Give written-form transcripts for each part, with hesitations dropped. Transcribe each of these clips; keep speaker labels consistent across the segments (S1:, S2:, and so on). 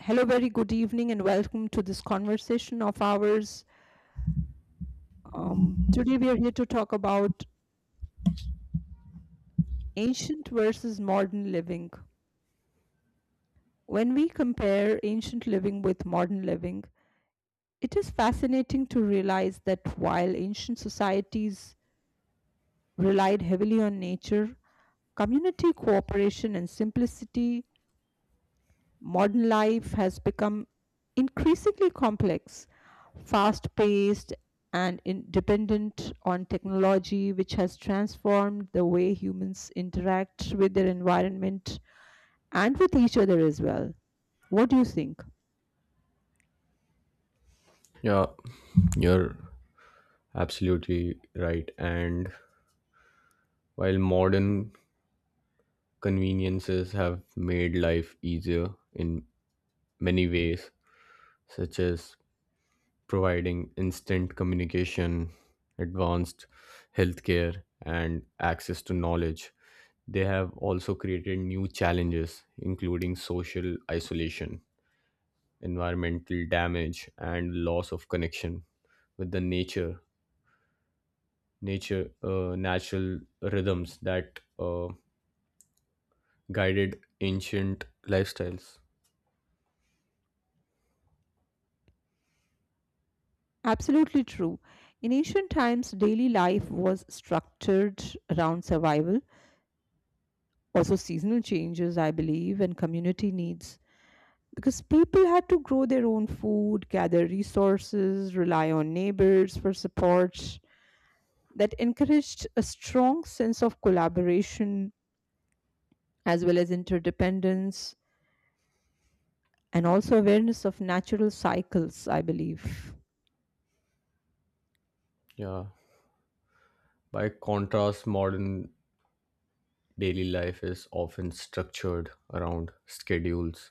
S1: Hello, very good evening, and welcome to this conversation of ours. Today, we are here to talk about ancient versus modern living. When we compare ancient living with modern living, it is fascinating to realize that while ancient societies relied heavily on nature, community cooperation, and simplicity, modern life has become increasingly complex, fast paced, and dependent on technology, which has transformed the way humans interact with their environment and with each other as well. What do you think?
S2: Yeah, you're absolutely right. And while modern conveniences have made life easier in many ways, such as providing instant communication, advanced healthcare, and access to knowledge, they have also created new challenges, including social isolation, environmental damage, and loss of connection with the nature nature natural rhythms that guided ancient lifestyles.
S1: Absolutely true. In ancient times, daily life was structured around survival, also seasonal changes, I believe, and community needs, because people had to grow their own food, gather resources, rely on neighbors for support. That encouraged a strong sense of collaboration as well as interdependence and also awareness of natural cycles, I believe.
S2: Yeah. By contrast, modern daily life is often structured around schedules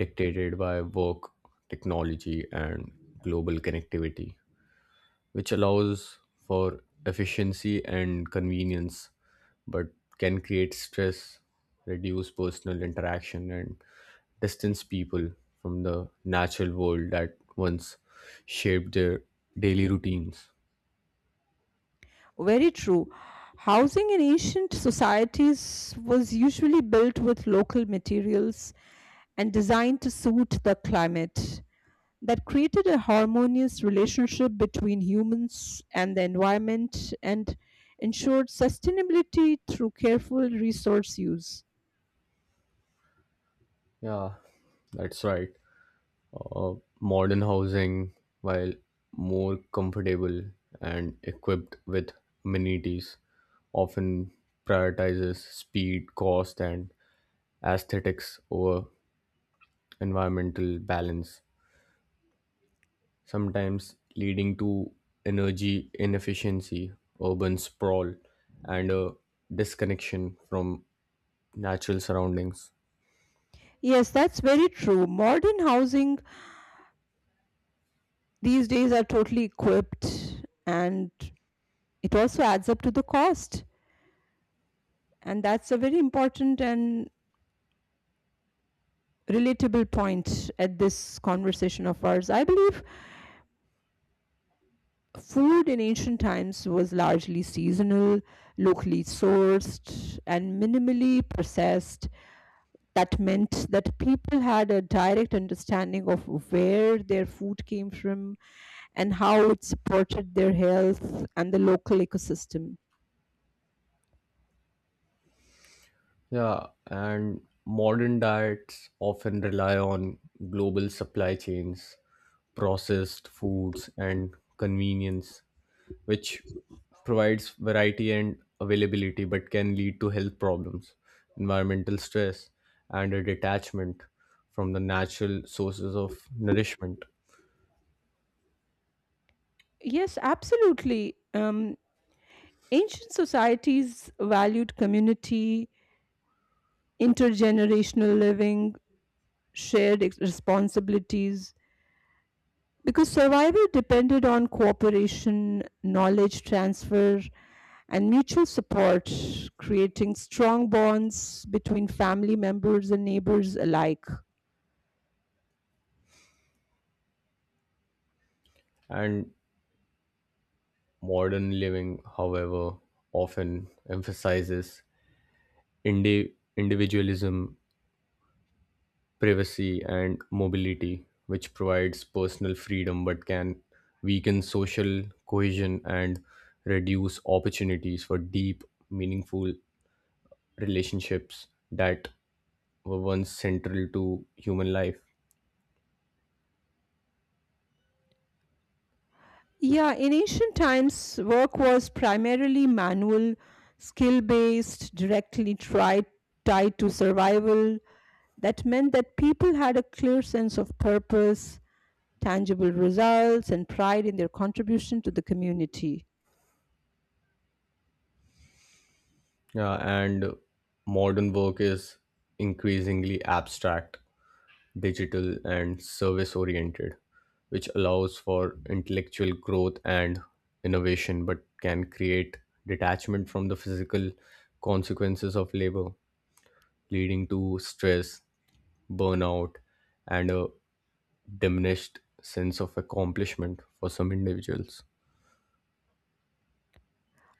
S2: dictated by work, technology, and global connectivity, which allows for efficiency and convenience, but can create stress, reduce personal interaction, and distance people from the natural world that once shaped their daily routines.
S1: Very true. Housing in ancient societies was usually built with local materials and designed to suit the climate. That created a harmonious relationship between humans and the environment and ensured sustainability through careful resource use.
S2: Yeah, that's right. Modern housing, while more comfortable and equipped with amenities, often prioritizes speed, cost, and aesthetics over environmental balance, sometimes leading to energy inefficiency, urban sprawl, and a disconnection from natural surroundings.
S1: Yes, that's very true. Modern housing these days are totally equipped and it also adds up to the cost. And that's a very important and relatable point at this conversation of ours, I believe. Food in ancient times was largely seasonal, locally sourced, and minimally processed. That meant that people had a direct understanding of where their food came from and how it supported their health and the local ecosystem.
S2: Yeah, and modern diets often rely on global supply chains, processed foods, and convenience, which provides variety and availability but can lead to health problems, environmental stress, and a detachment from the natural sources of nourishment.
S1: Yes, absolutely. Ancient societies valued community, intergenerational living, shared responsibilities, because survival depended on cooperation, knowledge transfer, and mutual support, creating strong bonds between family members and neighbors alike.
S2: And modern living, however, often emphasizes individualism, privacy, and mobility, which provides personal freedom but can weaken social cohesion and reduce opportunities for deep, meaningful relationships that were once central to human life.
S1: Yeah, in ancient times, work was primarily manual, skill based, tied to survival. That meant that people had a clear sense of purpose, tangible results, and pride in their contribution to the community.
S2: Yeah, and modern work is increasingly abstract, digital, and service oriented, which allows for intellectual growth and innovation but can create detachment from the physical consequences of labor, leading to stress, burnout, and a diminished sense of accomplishment for some individuals.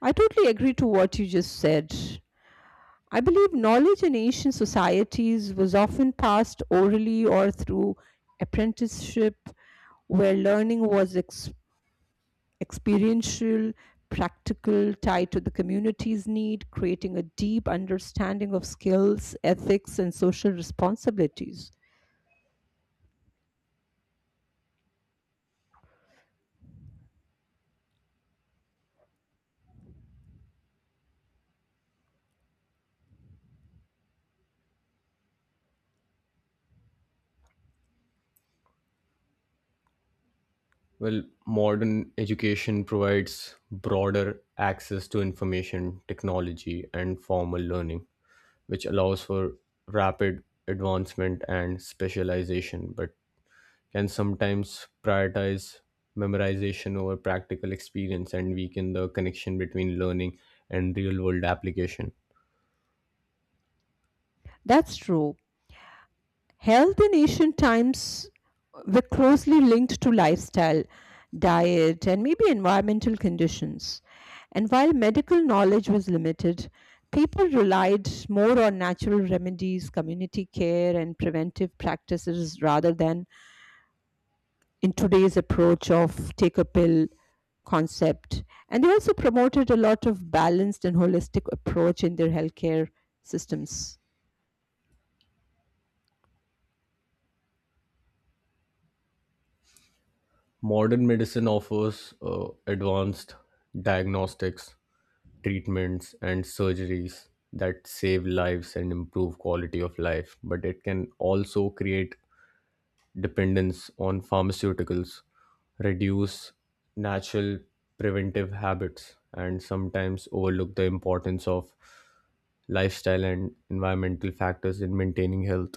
S1: I totally agree to what you just said. I believe knowledge in ancient societies was often passed orally or through apprenticeship, where learning was experiential, practical, tied to the community's need, creating a deep understanding of skills, ethics, and social responsibilities.
S2: Well, modern education provides broader access to information, technology, and formal learning, which allows for rapid advancement and specialization, but can sometimes prioritize memorization over practical experience and weaken the connection between learning and real world application.
S1: That's true. Health in ancient times were closely linked to lifestyle, diet, and maybe environmental conditions. And while medical knowledge was limited, people relied more on natural remedies, community care, and preventive practices rather than in today's approach of take a pill concept. And they also promoted a lot of balanced and holistic approach in their healthcare systems.
S2: Modern medicine offers advanced diagnostics, treatments, and surgeries that save lives and improve quality of life, but it can also create dependence on pharmaceuticals, reduce natural preventive habits, and sometimes overlook the importance of lifestyle and environmental factors in maintaining health.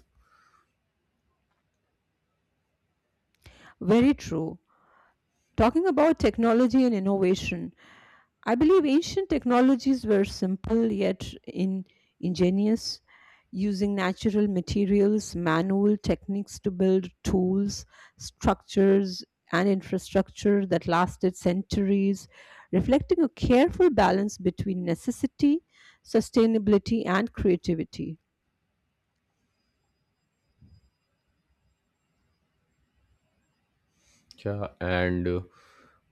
S1: Very true. Talking about technology and innovation, I believe ancient technologies were simple yet ingenious, using natural materials, manual techniques to build tools, structures, and infrastructure that lasted centuries, reflecting a careful balance between necessity, sustainability, and creativity.
S2: Yeah, and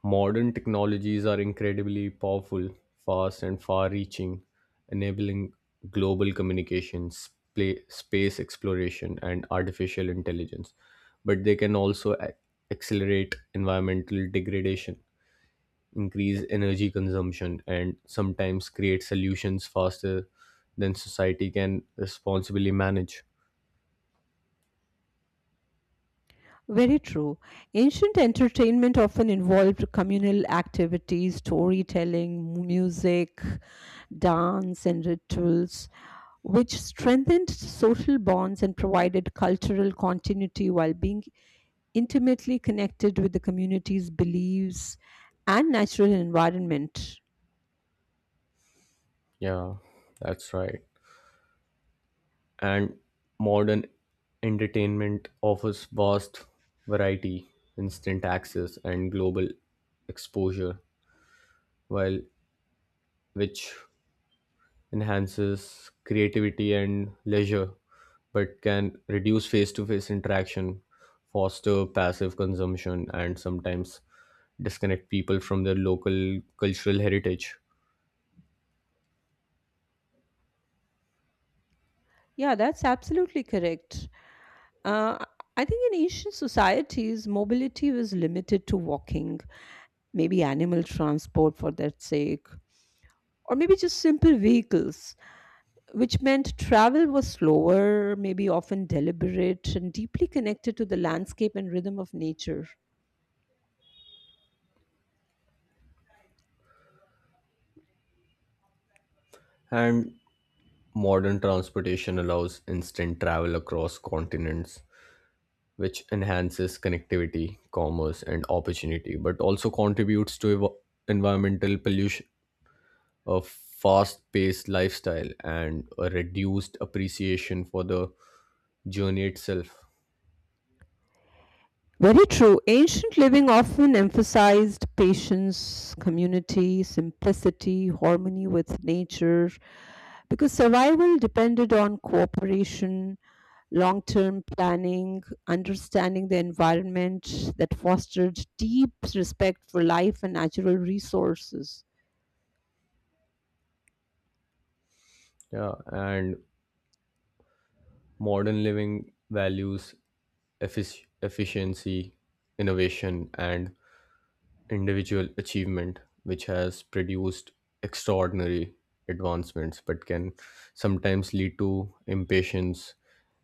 S2: modern technologies are incredibly powerful, fast, and far reaching, enabling global communications, space exploration, and artificial intelligence. But they can also accelerate environmental degradation, increase energy consumption, and sometimes create solutions faster than society can responsibly manage.
S1: Very true. Ancient entertainment often involved communal activities, storytelling, music, dance, and rituals, which strengthened social bonds and provided cultural continuity while being intimately connected with the community's beliefs and natural environment.
S2: Yeah, that's right. And modern entertainment offers vast variety, instant access, and global exposure, while which enhances creativity and leisure, but can reduce face to face interaction, foster passive consumption, and sometimes disconnect people from their local cultural heritage.
S1: Yeah, that's absolutely correct. Uh, I think in ancient societies, mobility was limited to walking, maybe animal transport for that sake, or maybe just simple vehicles, which meant travel was slower, maybe often deliberate, and deeply connected to the landscape and rhythm of nature.
S2: And modern transportation allows instant travel across continents, which enhances connectivity, commerce, and opportunity, but also contributes to environmental pollution, a fast paced lifestyle, and a reduced appreciation for the journey itself.
S1: Very true. Ancient living often emphasized patience, community, simplicity, harmony with nature, because survival depended on cooperation, long term planning, understanding the environment that fostered deep respect for life and natural resources.
S2: Yeah, and modern living values efficiency, innovation, and individual achievement, which has produced extraordinary advancements but can sometimes lead to impatience,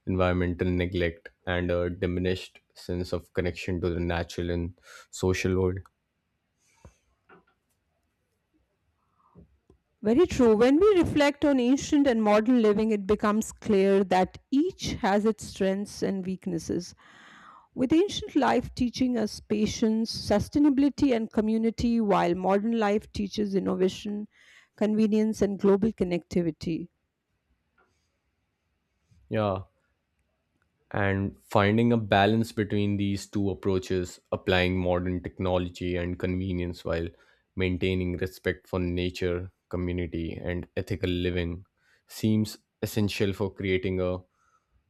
S2: environmental neglect, and a diminished sense of connection to the natural and social world.
S1: Very true. When we reflect on ancient and modern living, it becomes clear that each has its strengths and weaknesses, with ancient life teaching us patience, sustainability, and community, while modern life teaches innovation, convenience, and global connectivity.
S2: Yeah, and finding a balance between these two approaches, applying modern technology and convenience while maintaining respect for nature, community, and ethical living, seems essential for creating a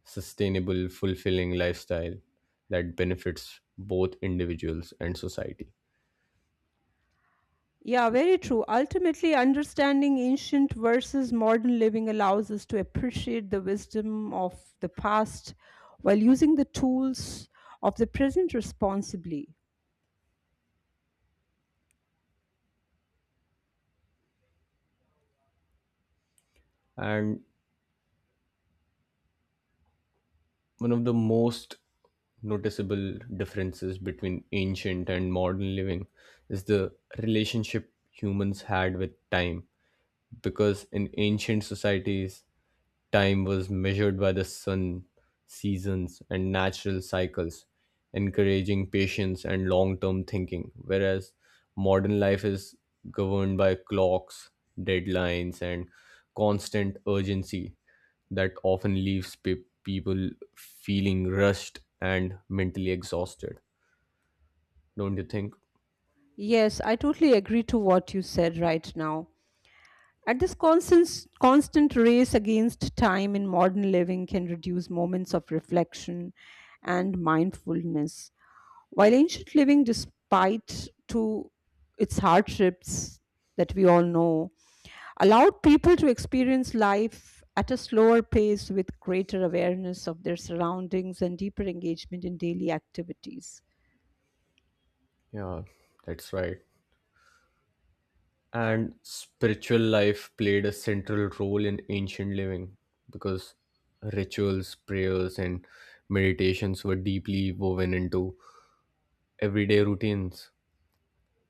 S2: sustainable, fulfilling lifestyle that benefits both individuals and society.
S1: Yeah, very true. Ultimately, understanding ancient versus modern living allows us to appreciate the wisdom of the past while using the tools of the present responsibly.
S2: And one of the most noticeable differences between ancient and modern living is the relationship humans had with time, because in ancient societies, time was measured by the sun, seasons, and natural cycles, encouraging patience and long term thinking, whereas modern life is governed by clocks, deadlines, and constant urgency that often leaves people feeling rushed and mentally exhausted. Don't you think?
S1: Yes, I totally agree to what you said right now. At this constant race against time in modern living can reduce moments of reflection and mindfulness. While ancient living, despite to its hardships that we all know, allowed people to experience life at a slower pace with greater awareness of their surroundings and deeper engagement in daily activities.
S2: Yeah, that's right. And spiritual life played a central role in ancient living because rituals, prayers, and meditations were deeply woven into everyday routines,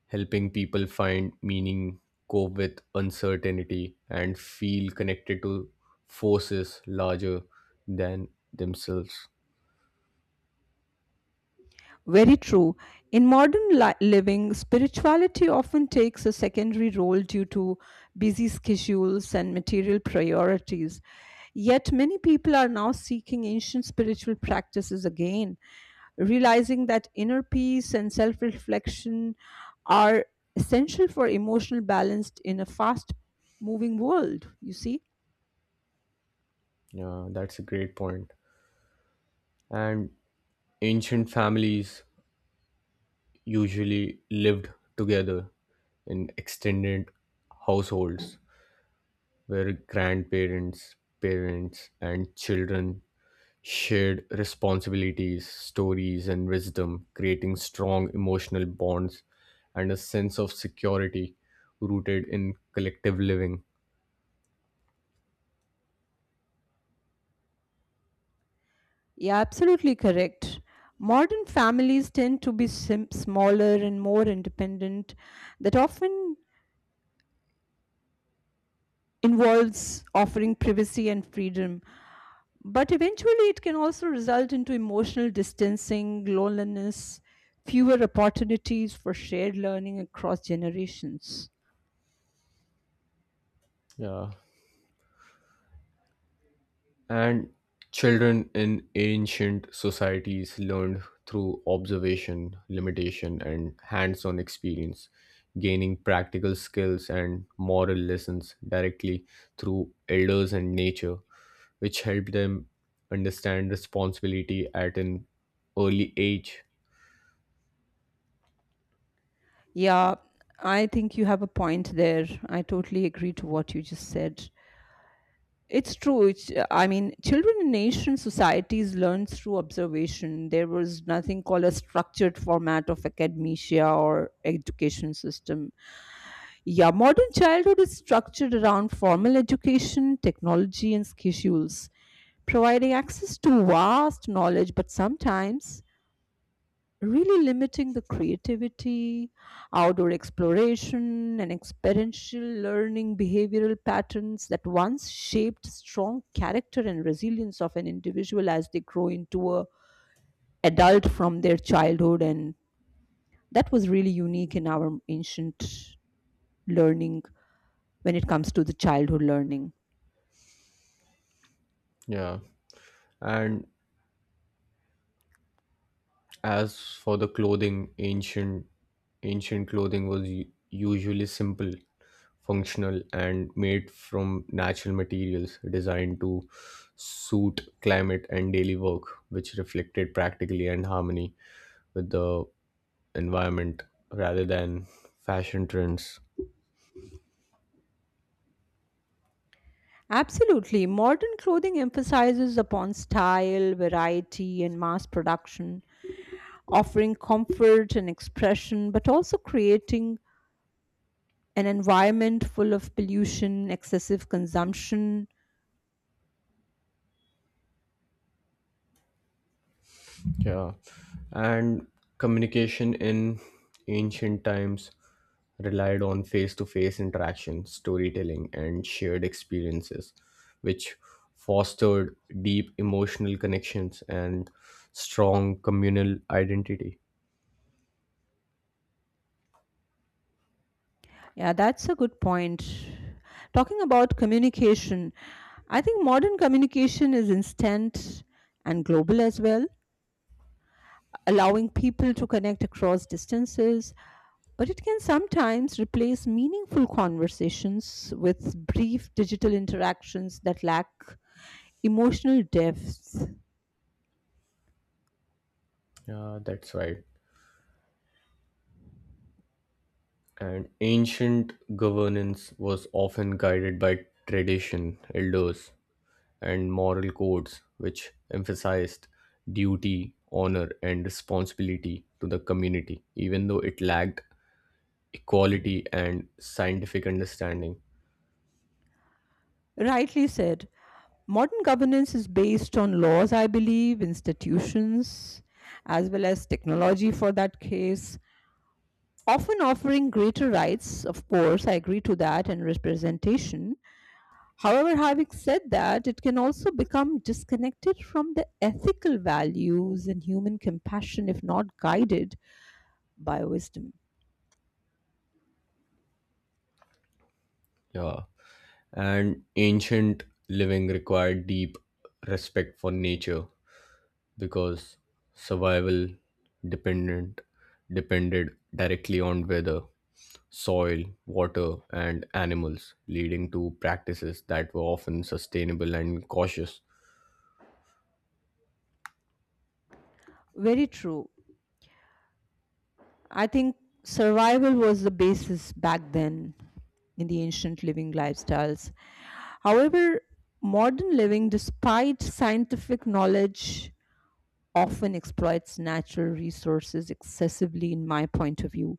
S2: helping people find meaning, cope with uncertainty, and feel connected to forces larger than themselves.
S1: Very true. In modern living, spirituality often takes a secondary role due to busy schedules and material priorities. Yet, many people are now seeking ancient spiritual practices again, realizing that inner peace and self reflection are essential for emotional balance in a fast moving world. You see?
S2: Yeah, that's a great point. And ancient families usually lived together in extended households where grandparents, parents, and children shared responsibilities, stories, and wisdom, creating strong emotional bonds and a sense of security rooted in collective living.
S1: Yeah, absolutely correct. Modern families tend to be smaller and more independent. That often involves offering privacy and freedom, but eventually it can also result into emotional distancing, loneliness, fewer opportunities for shared learning across generations.
S2: Yeah. And children in ancient societies learned through observation, limitation, and hands on experience, gaining practical skills and moral lessons directly through elders and nature, which helped them understand responsibility at an early age.
S1: Yeah, I think you have a point there. I totally agree to what you just said. It's true. It's, I mean, children in Asian societies learn through observation. There was nothing called a structured format of academia or education system. Yeah, modern childhood is structured around formal education, technology, and schedules, providing access to vast knowledge, but sometimes really limiting the creativity, outdoor exploration, and experiential learning behavioral patterns that once shaped strong character and resilience of an individual as they grow into a adult from their childhood, and that was really unique in our ancient learning when it comes to the childhood learning.
S2: Yeah. And as for the clothing, ancient clothing was usually simple, functional, and made from natural materials designed to suit climate and daily work, which reflected practically and harmony with the environment rather than fashion trends.
S1: Absolutely. Modern clothing emphasizes upon style, variety, and mass production, offering comfort and expression, but also creating an environment full of pollution, excessive consumption.
S2: Yeah, and communication in ancient times relied on face to face interaction, storytelling, and shared experiences, which fostered deep emotional connections and strong communal identity.
S1: Yeah, that's a good point. Talking about communication, I think modern communication is instant and global as well, allowing people to connect across distances. But it can sometimes replace meaningful conversations with brief digital interactions that lack emotional depth.
S2: Yeah, that's right. And ancient governance was often guided by tradition, elders, and moral codes which emphasized duty, honor, and responsibility to the community, even though it lacked equality and scientific understanding.
S1: Rightly said. Modern governance is based on laws, I believe, institutions, as well as technology for that case, often offering greater rights, of course, I agree to that, and representation. However, having said that, it can also become disconnected from the ethical values and human compassion if not guided by wisdom.
S2: Yeah. And ancient living required deep respect for nature because survival dependent depended directly on weather, soil, water, and animals, leading to practices that were often sustainable and cautious.
S1: Very true. I think survival was the basis back then in the ancient living lifestyles. However, modern living, despite scientific knowledge, often exploits natural resources excessively, in my point of view.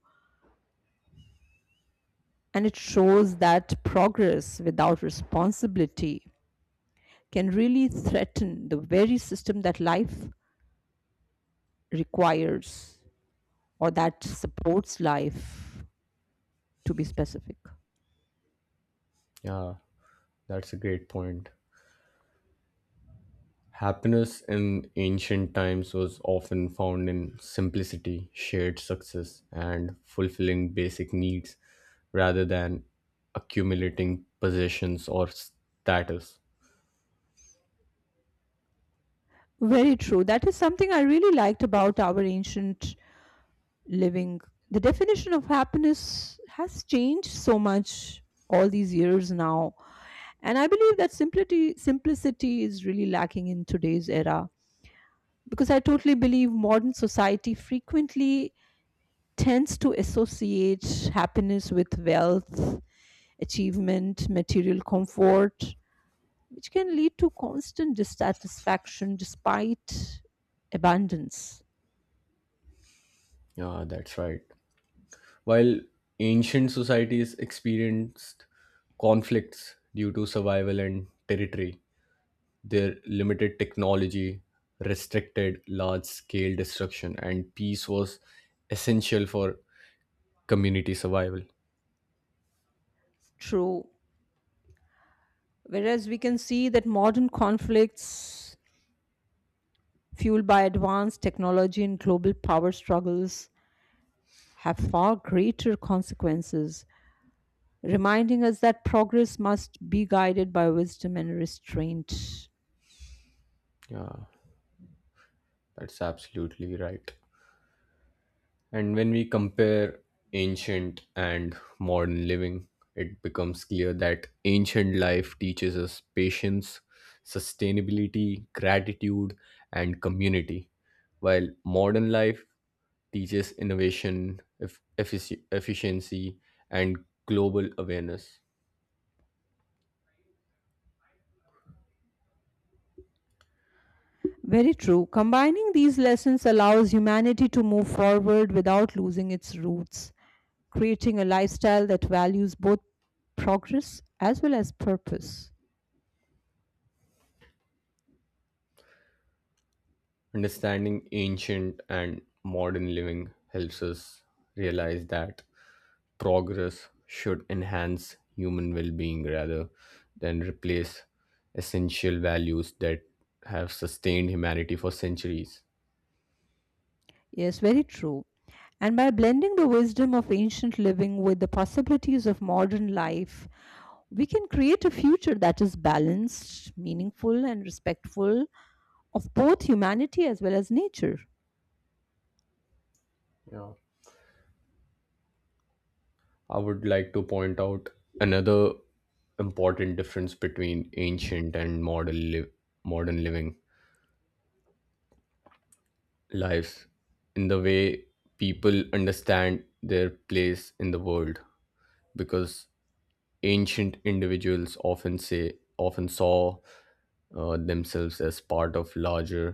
S1: And it shows that progress without responsibility can really threaten the very system that life requires, or that supports life, to be specific.
S2: Yeah. That's a great point. Happiness in ancient times was often found in simplicity, shared success, and fulfilling basic needs rather than accumulating possessions or status.
S1: Very true. That is something I really liked about our ancient living. The definition of happiness has changed so much all these years now. And I believe that simplicity is really lacking in today's era, because I totally believe modern society frequently tends to associate happiness with wealth, achievement, material comfort, which can lead to constant dissatisfaction despite abundance.
S2: Yeah, that's right. While ancient societies experienced conflicts due to survival and territory, their limited technology restricted large scale destruction, and peace was essential for community survival.
S1: True. Whereas we can see that modern conflicts, fueled by advanced technology and global power struggles, have far greater consequences, reminding us that progress must be guided by wisdom and restraint.
S2: Yeah, that's absolutely right. And when we compare ancient and modern living, it becomes clear that ancient life teaches us patience, sustainability, gratitude, and community, while modern life teaches innovation, efficiency, and global awareness.
S1: Very true. Combining these lessons allows humanity to move forward without losing its roots, creating a lifestyle that values both progress as well as purpose.
S2: Understanding ancient and modern living helps us realize that progress should enhance human well being rather than replace essential values that have sustained humanity for centuries.
S1: Yes, very true. And by blending the wisdom of ancient living with the possibilities of modern life, we can create a future that is balanced, meaningful, and respectful of both humanity as well as nature.
S2: Yeah. I would like to point out another important difference between ancient and modern living lives in the way people understand their place in the world, because ancient individuals often saw themselves as part of larger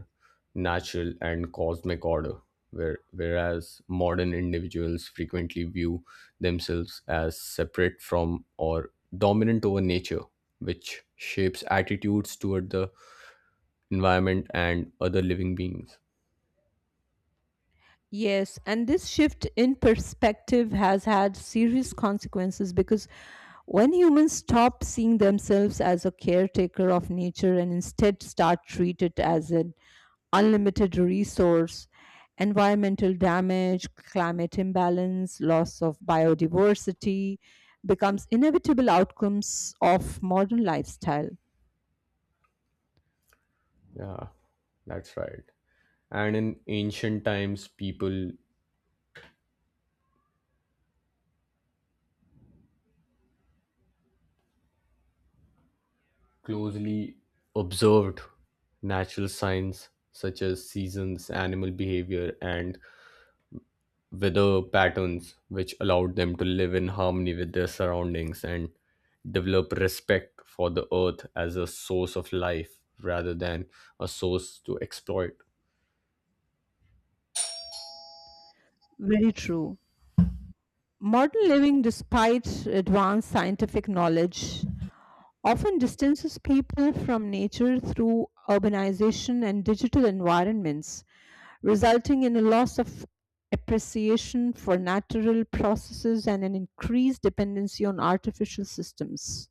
S2: natural and cosmic order, whereas modern individuals frequently view themselves as separate from or dominant over nature, which shapes attitudes toward the environment and other living beings.
S1: Yes, and this shift in perspective has had serious consequences, because when humans stop seeing themselves as a caretaker of nature and instead start treat it as an unlimited resource, environmental damage, climate imbalance, loss of biodiversity becomes inevitable outcomes of modern lifestyle.
S2: Yeah, that's right. And in ancient times, people closely observed natural signs such as seasons, animal behavior, and weather patterns, which allowed them to live in harmony with their surroundings and develop respect for the earth as a source of life rather than a source to exploit.
S1: Very true. Modern living, despite advanced scientific knowledge, often distances people from nature through urbanization and digital environments, resulting in a loss of appreciation for natural processes and an increased dependency on artificial systems.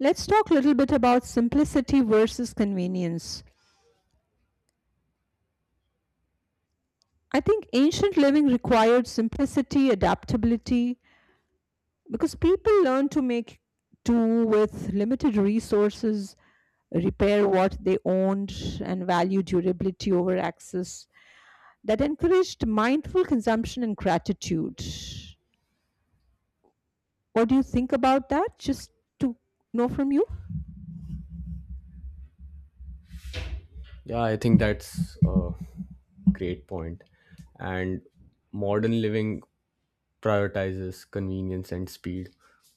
S1: Let's talk a little bit about simplicity versus convenience. I think ancient living required simplicity, adaptability, because people learned to make do with limited resources, repair what they owned, and value durability over access that encouraged mindful consumption and gratitude. What do you think about that? Just to know from you.
S2: Yeah, I think that's a great point. And modern living prioritizes convenience and speed,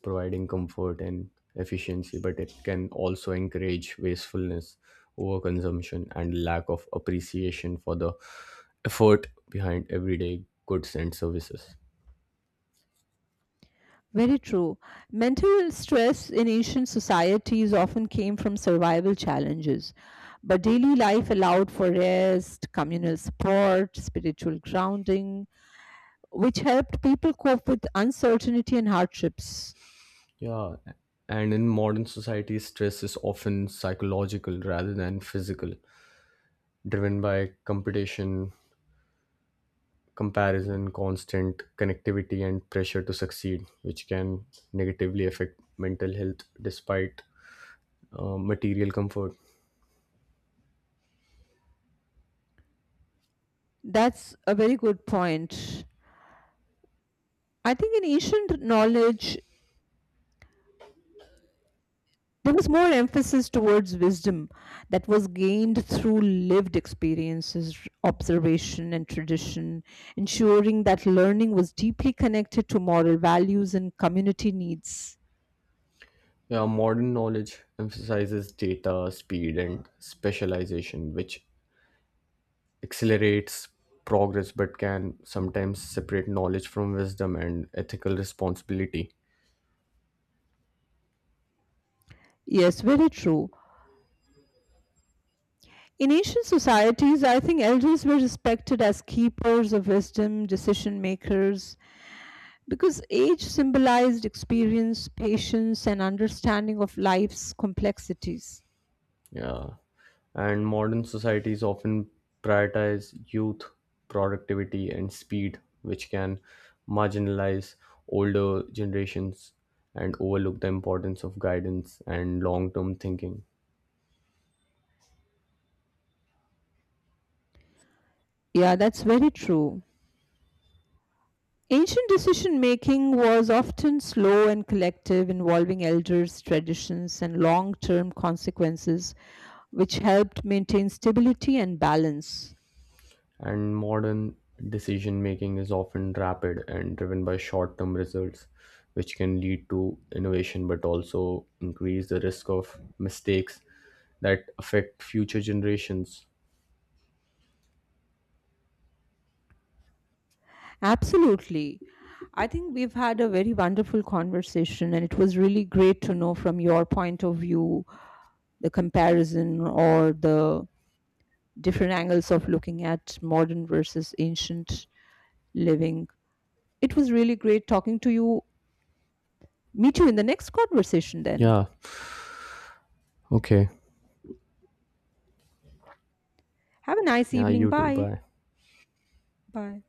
S2: providing comfort and efficiency, but it can also encourage wastefulness, overconsumption, and lack of appreciation for the effort behind everyday goods and services.
S1: Very true. Mental stress in ancient societies often came from survival challenges, but daily life allowed for rest, communal support, spiritual grounding, which helped people cope with uncertainty and hardships.
S2: Yeah, and in modern society, stress is often psychological rather than physical, driven by competition, comparison, constant connectivity, and pressure to succeed, which can negatively affect mental health despite material comfort.
S1: That's a very good point. I think in ancient knowledge, there was more emphasis towards wisdom that was gained through lived experiences, observation, and tradition, ensuring that learning was deeply connected to moral values and community needs.
S2: Yeah, modern knowledge emphasizes data, speed, and specialization, which accelerates progress but can sometimes separate knowledge from wisdom and ethical responsibility.
S1: Yes, very true. In ancient societies, I think elders were respected as keepers of wisdom, decision makers, because age symbolized experience, patience, and understanding of life's complexities.
S2: Yeah. And modern societies often prioritize youth, productivity, and speed, which can marginalize older generations and overlook the importance of guidance and long term thinking.
S1: Yeah, that's very true. Ancient decision making was often slow and collective, involving elders, traditions, and long term consequences, which helped maintain stability and balance.
S2: And modern decision making is often rapid and driven by short term results, which can lead to innovation but also increase the risk of mistakes that affect future generations.
S1: Absolutely. I think we've had a very wonderful conversation, and it was really great to know from your point of view the comparison or the different angles of looking at modern versus ancient living. It was really great talking to you. Meet you in the next conversation then.
S2: Yeah, okay.
S1: Have a nice
S2: Yeah,
S1: evening.
S2: you too.
S1: Bye.
S2: Bye.
S1: Bye.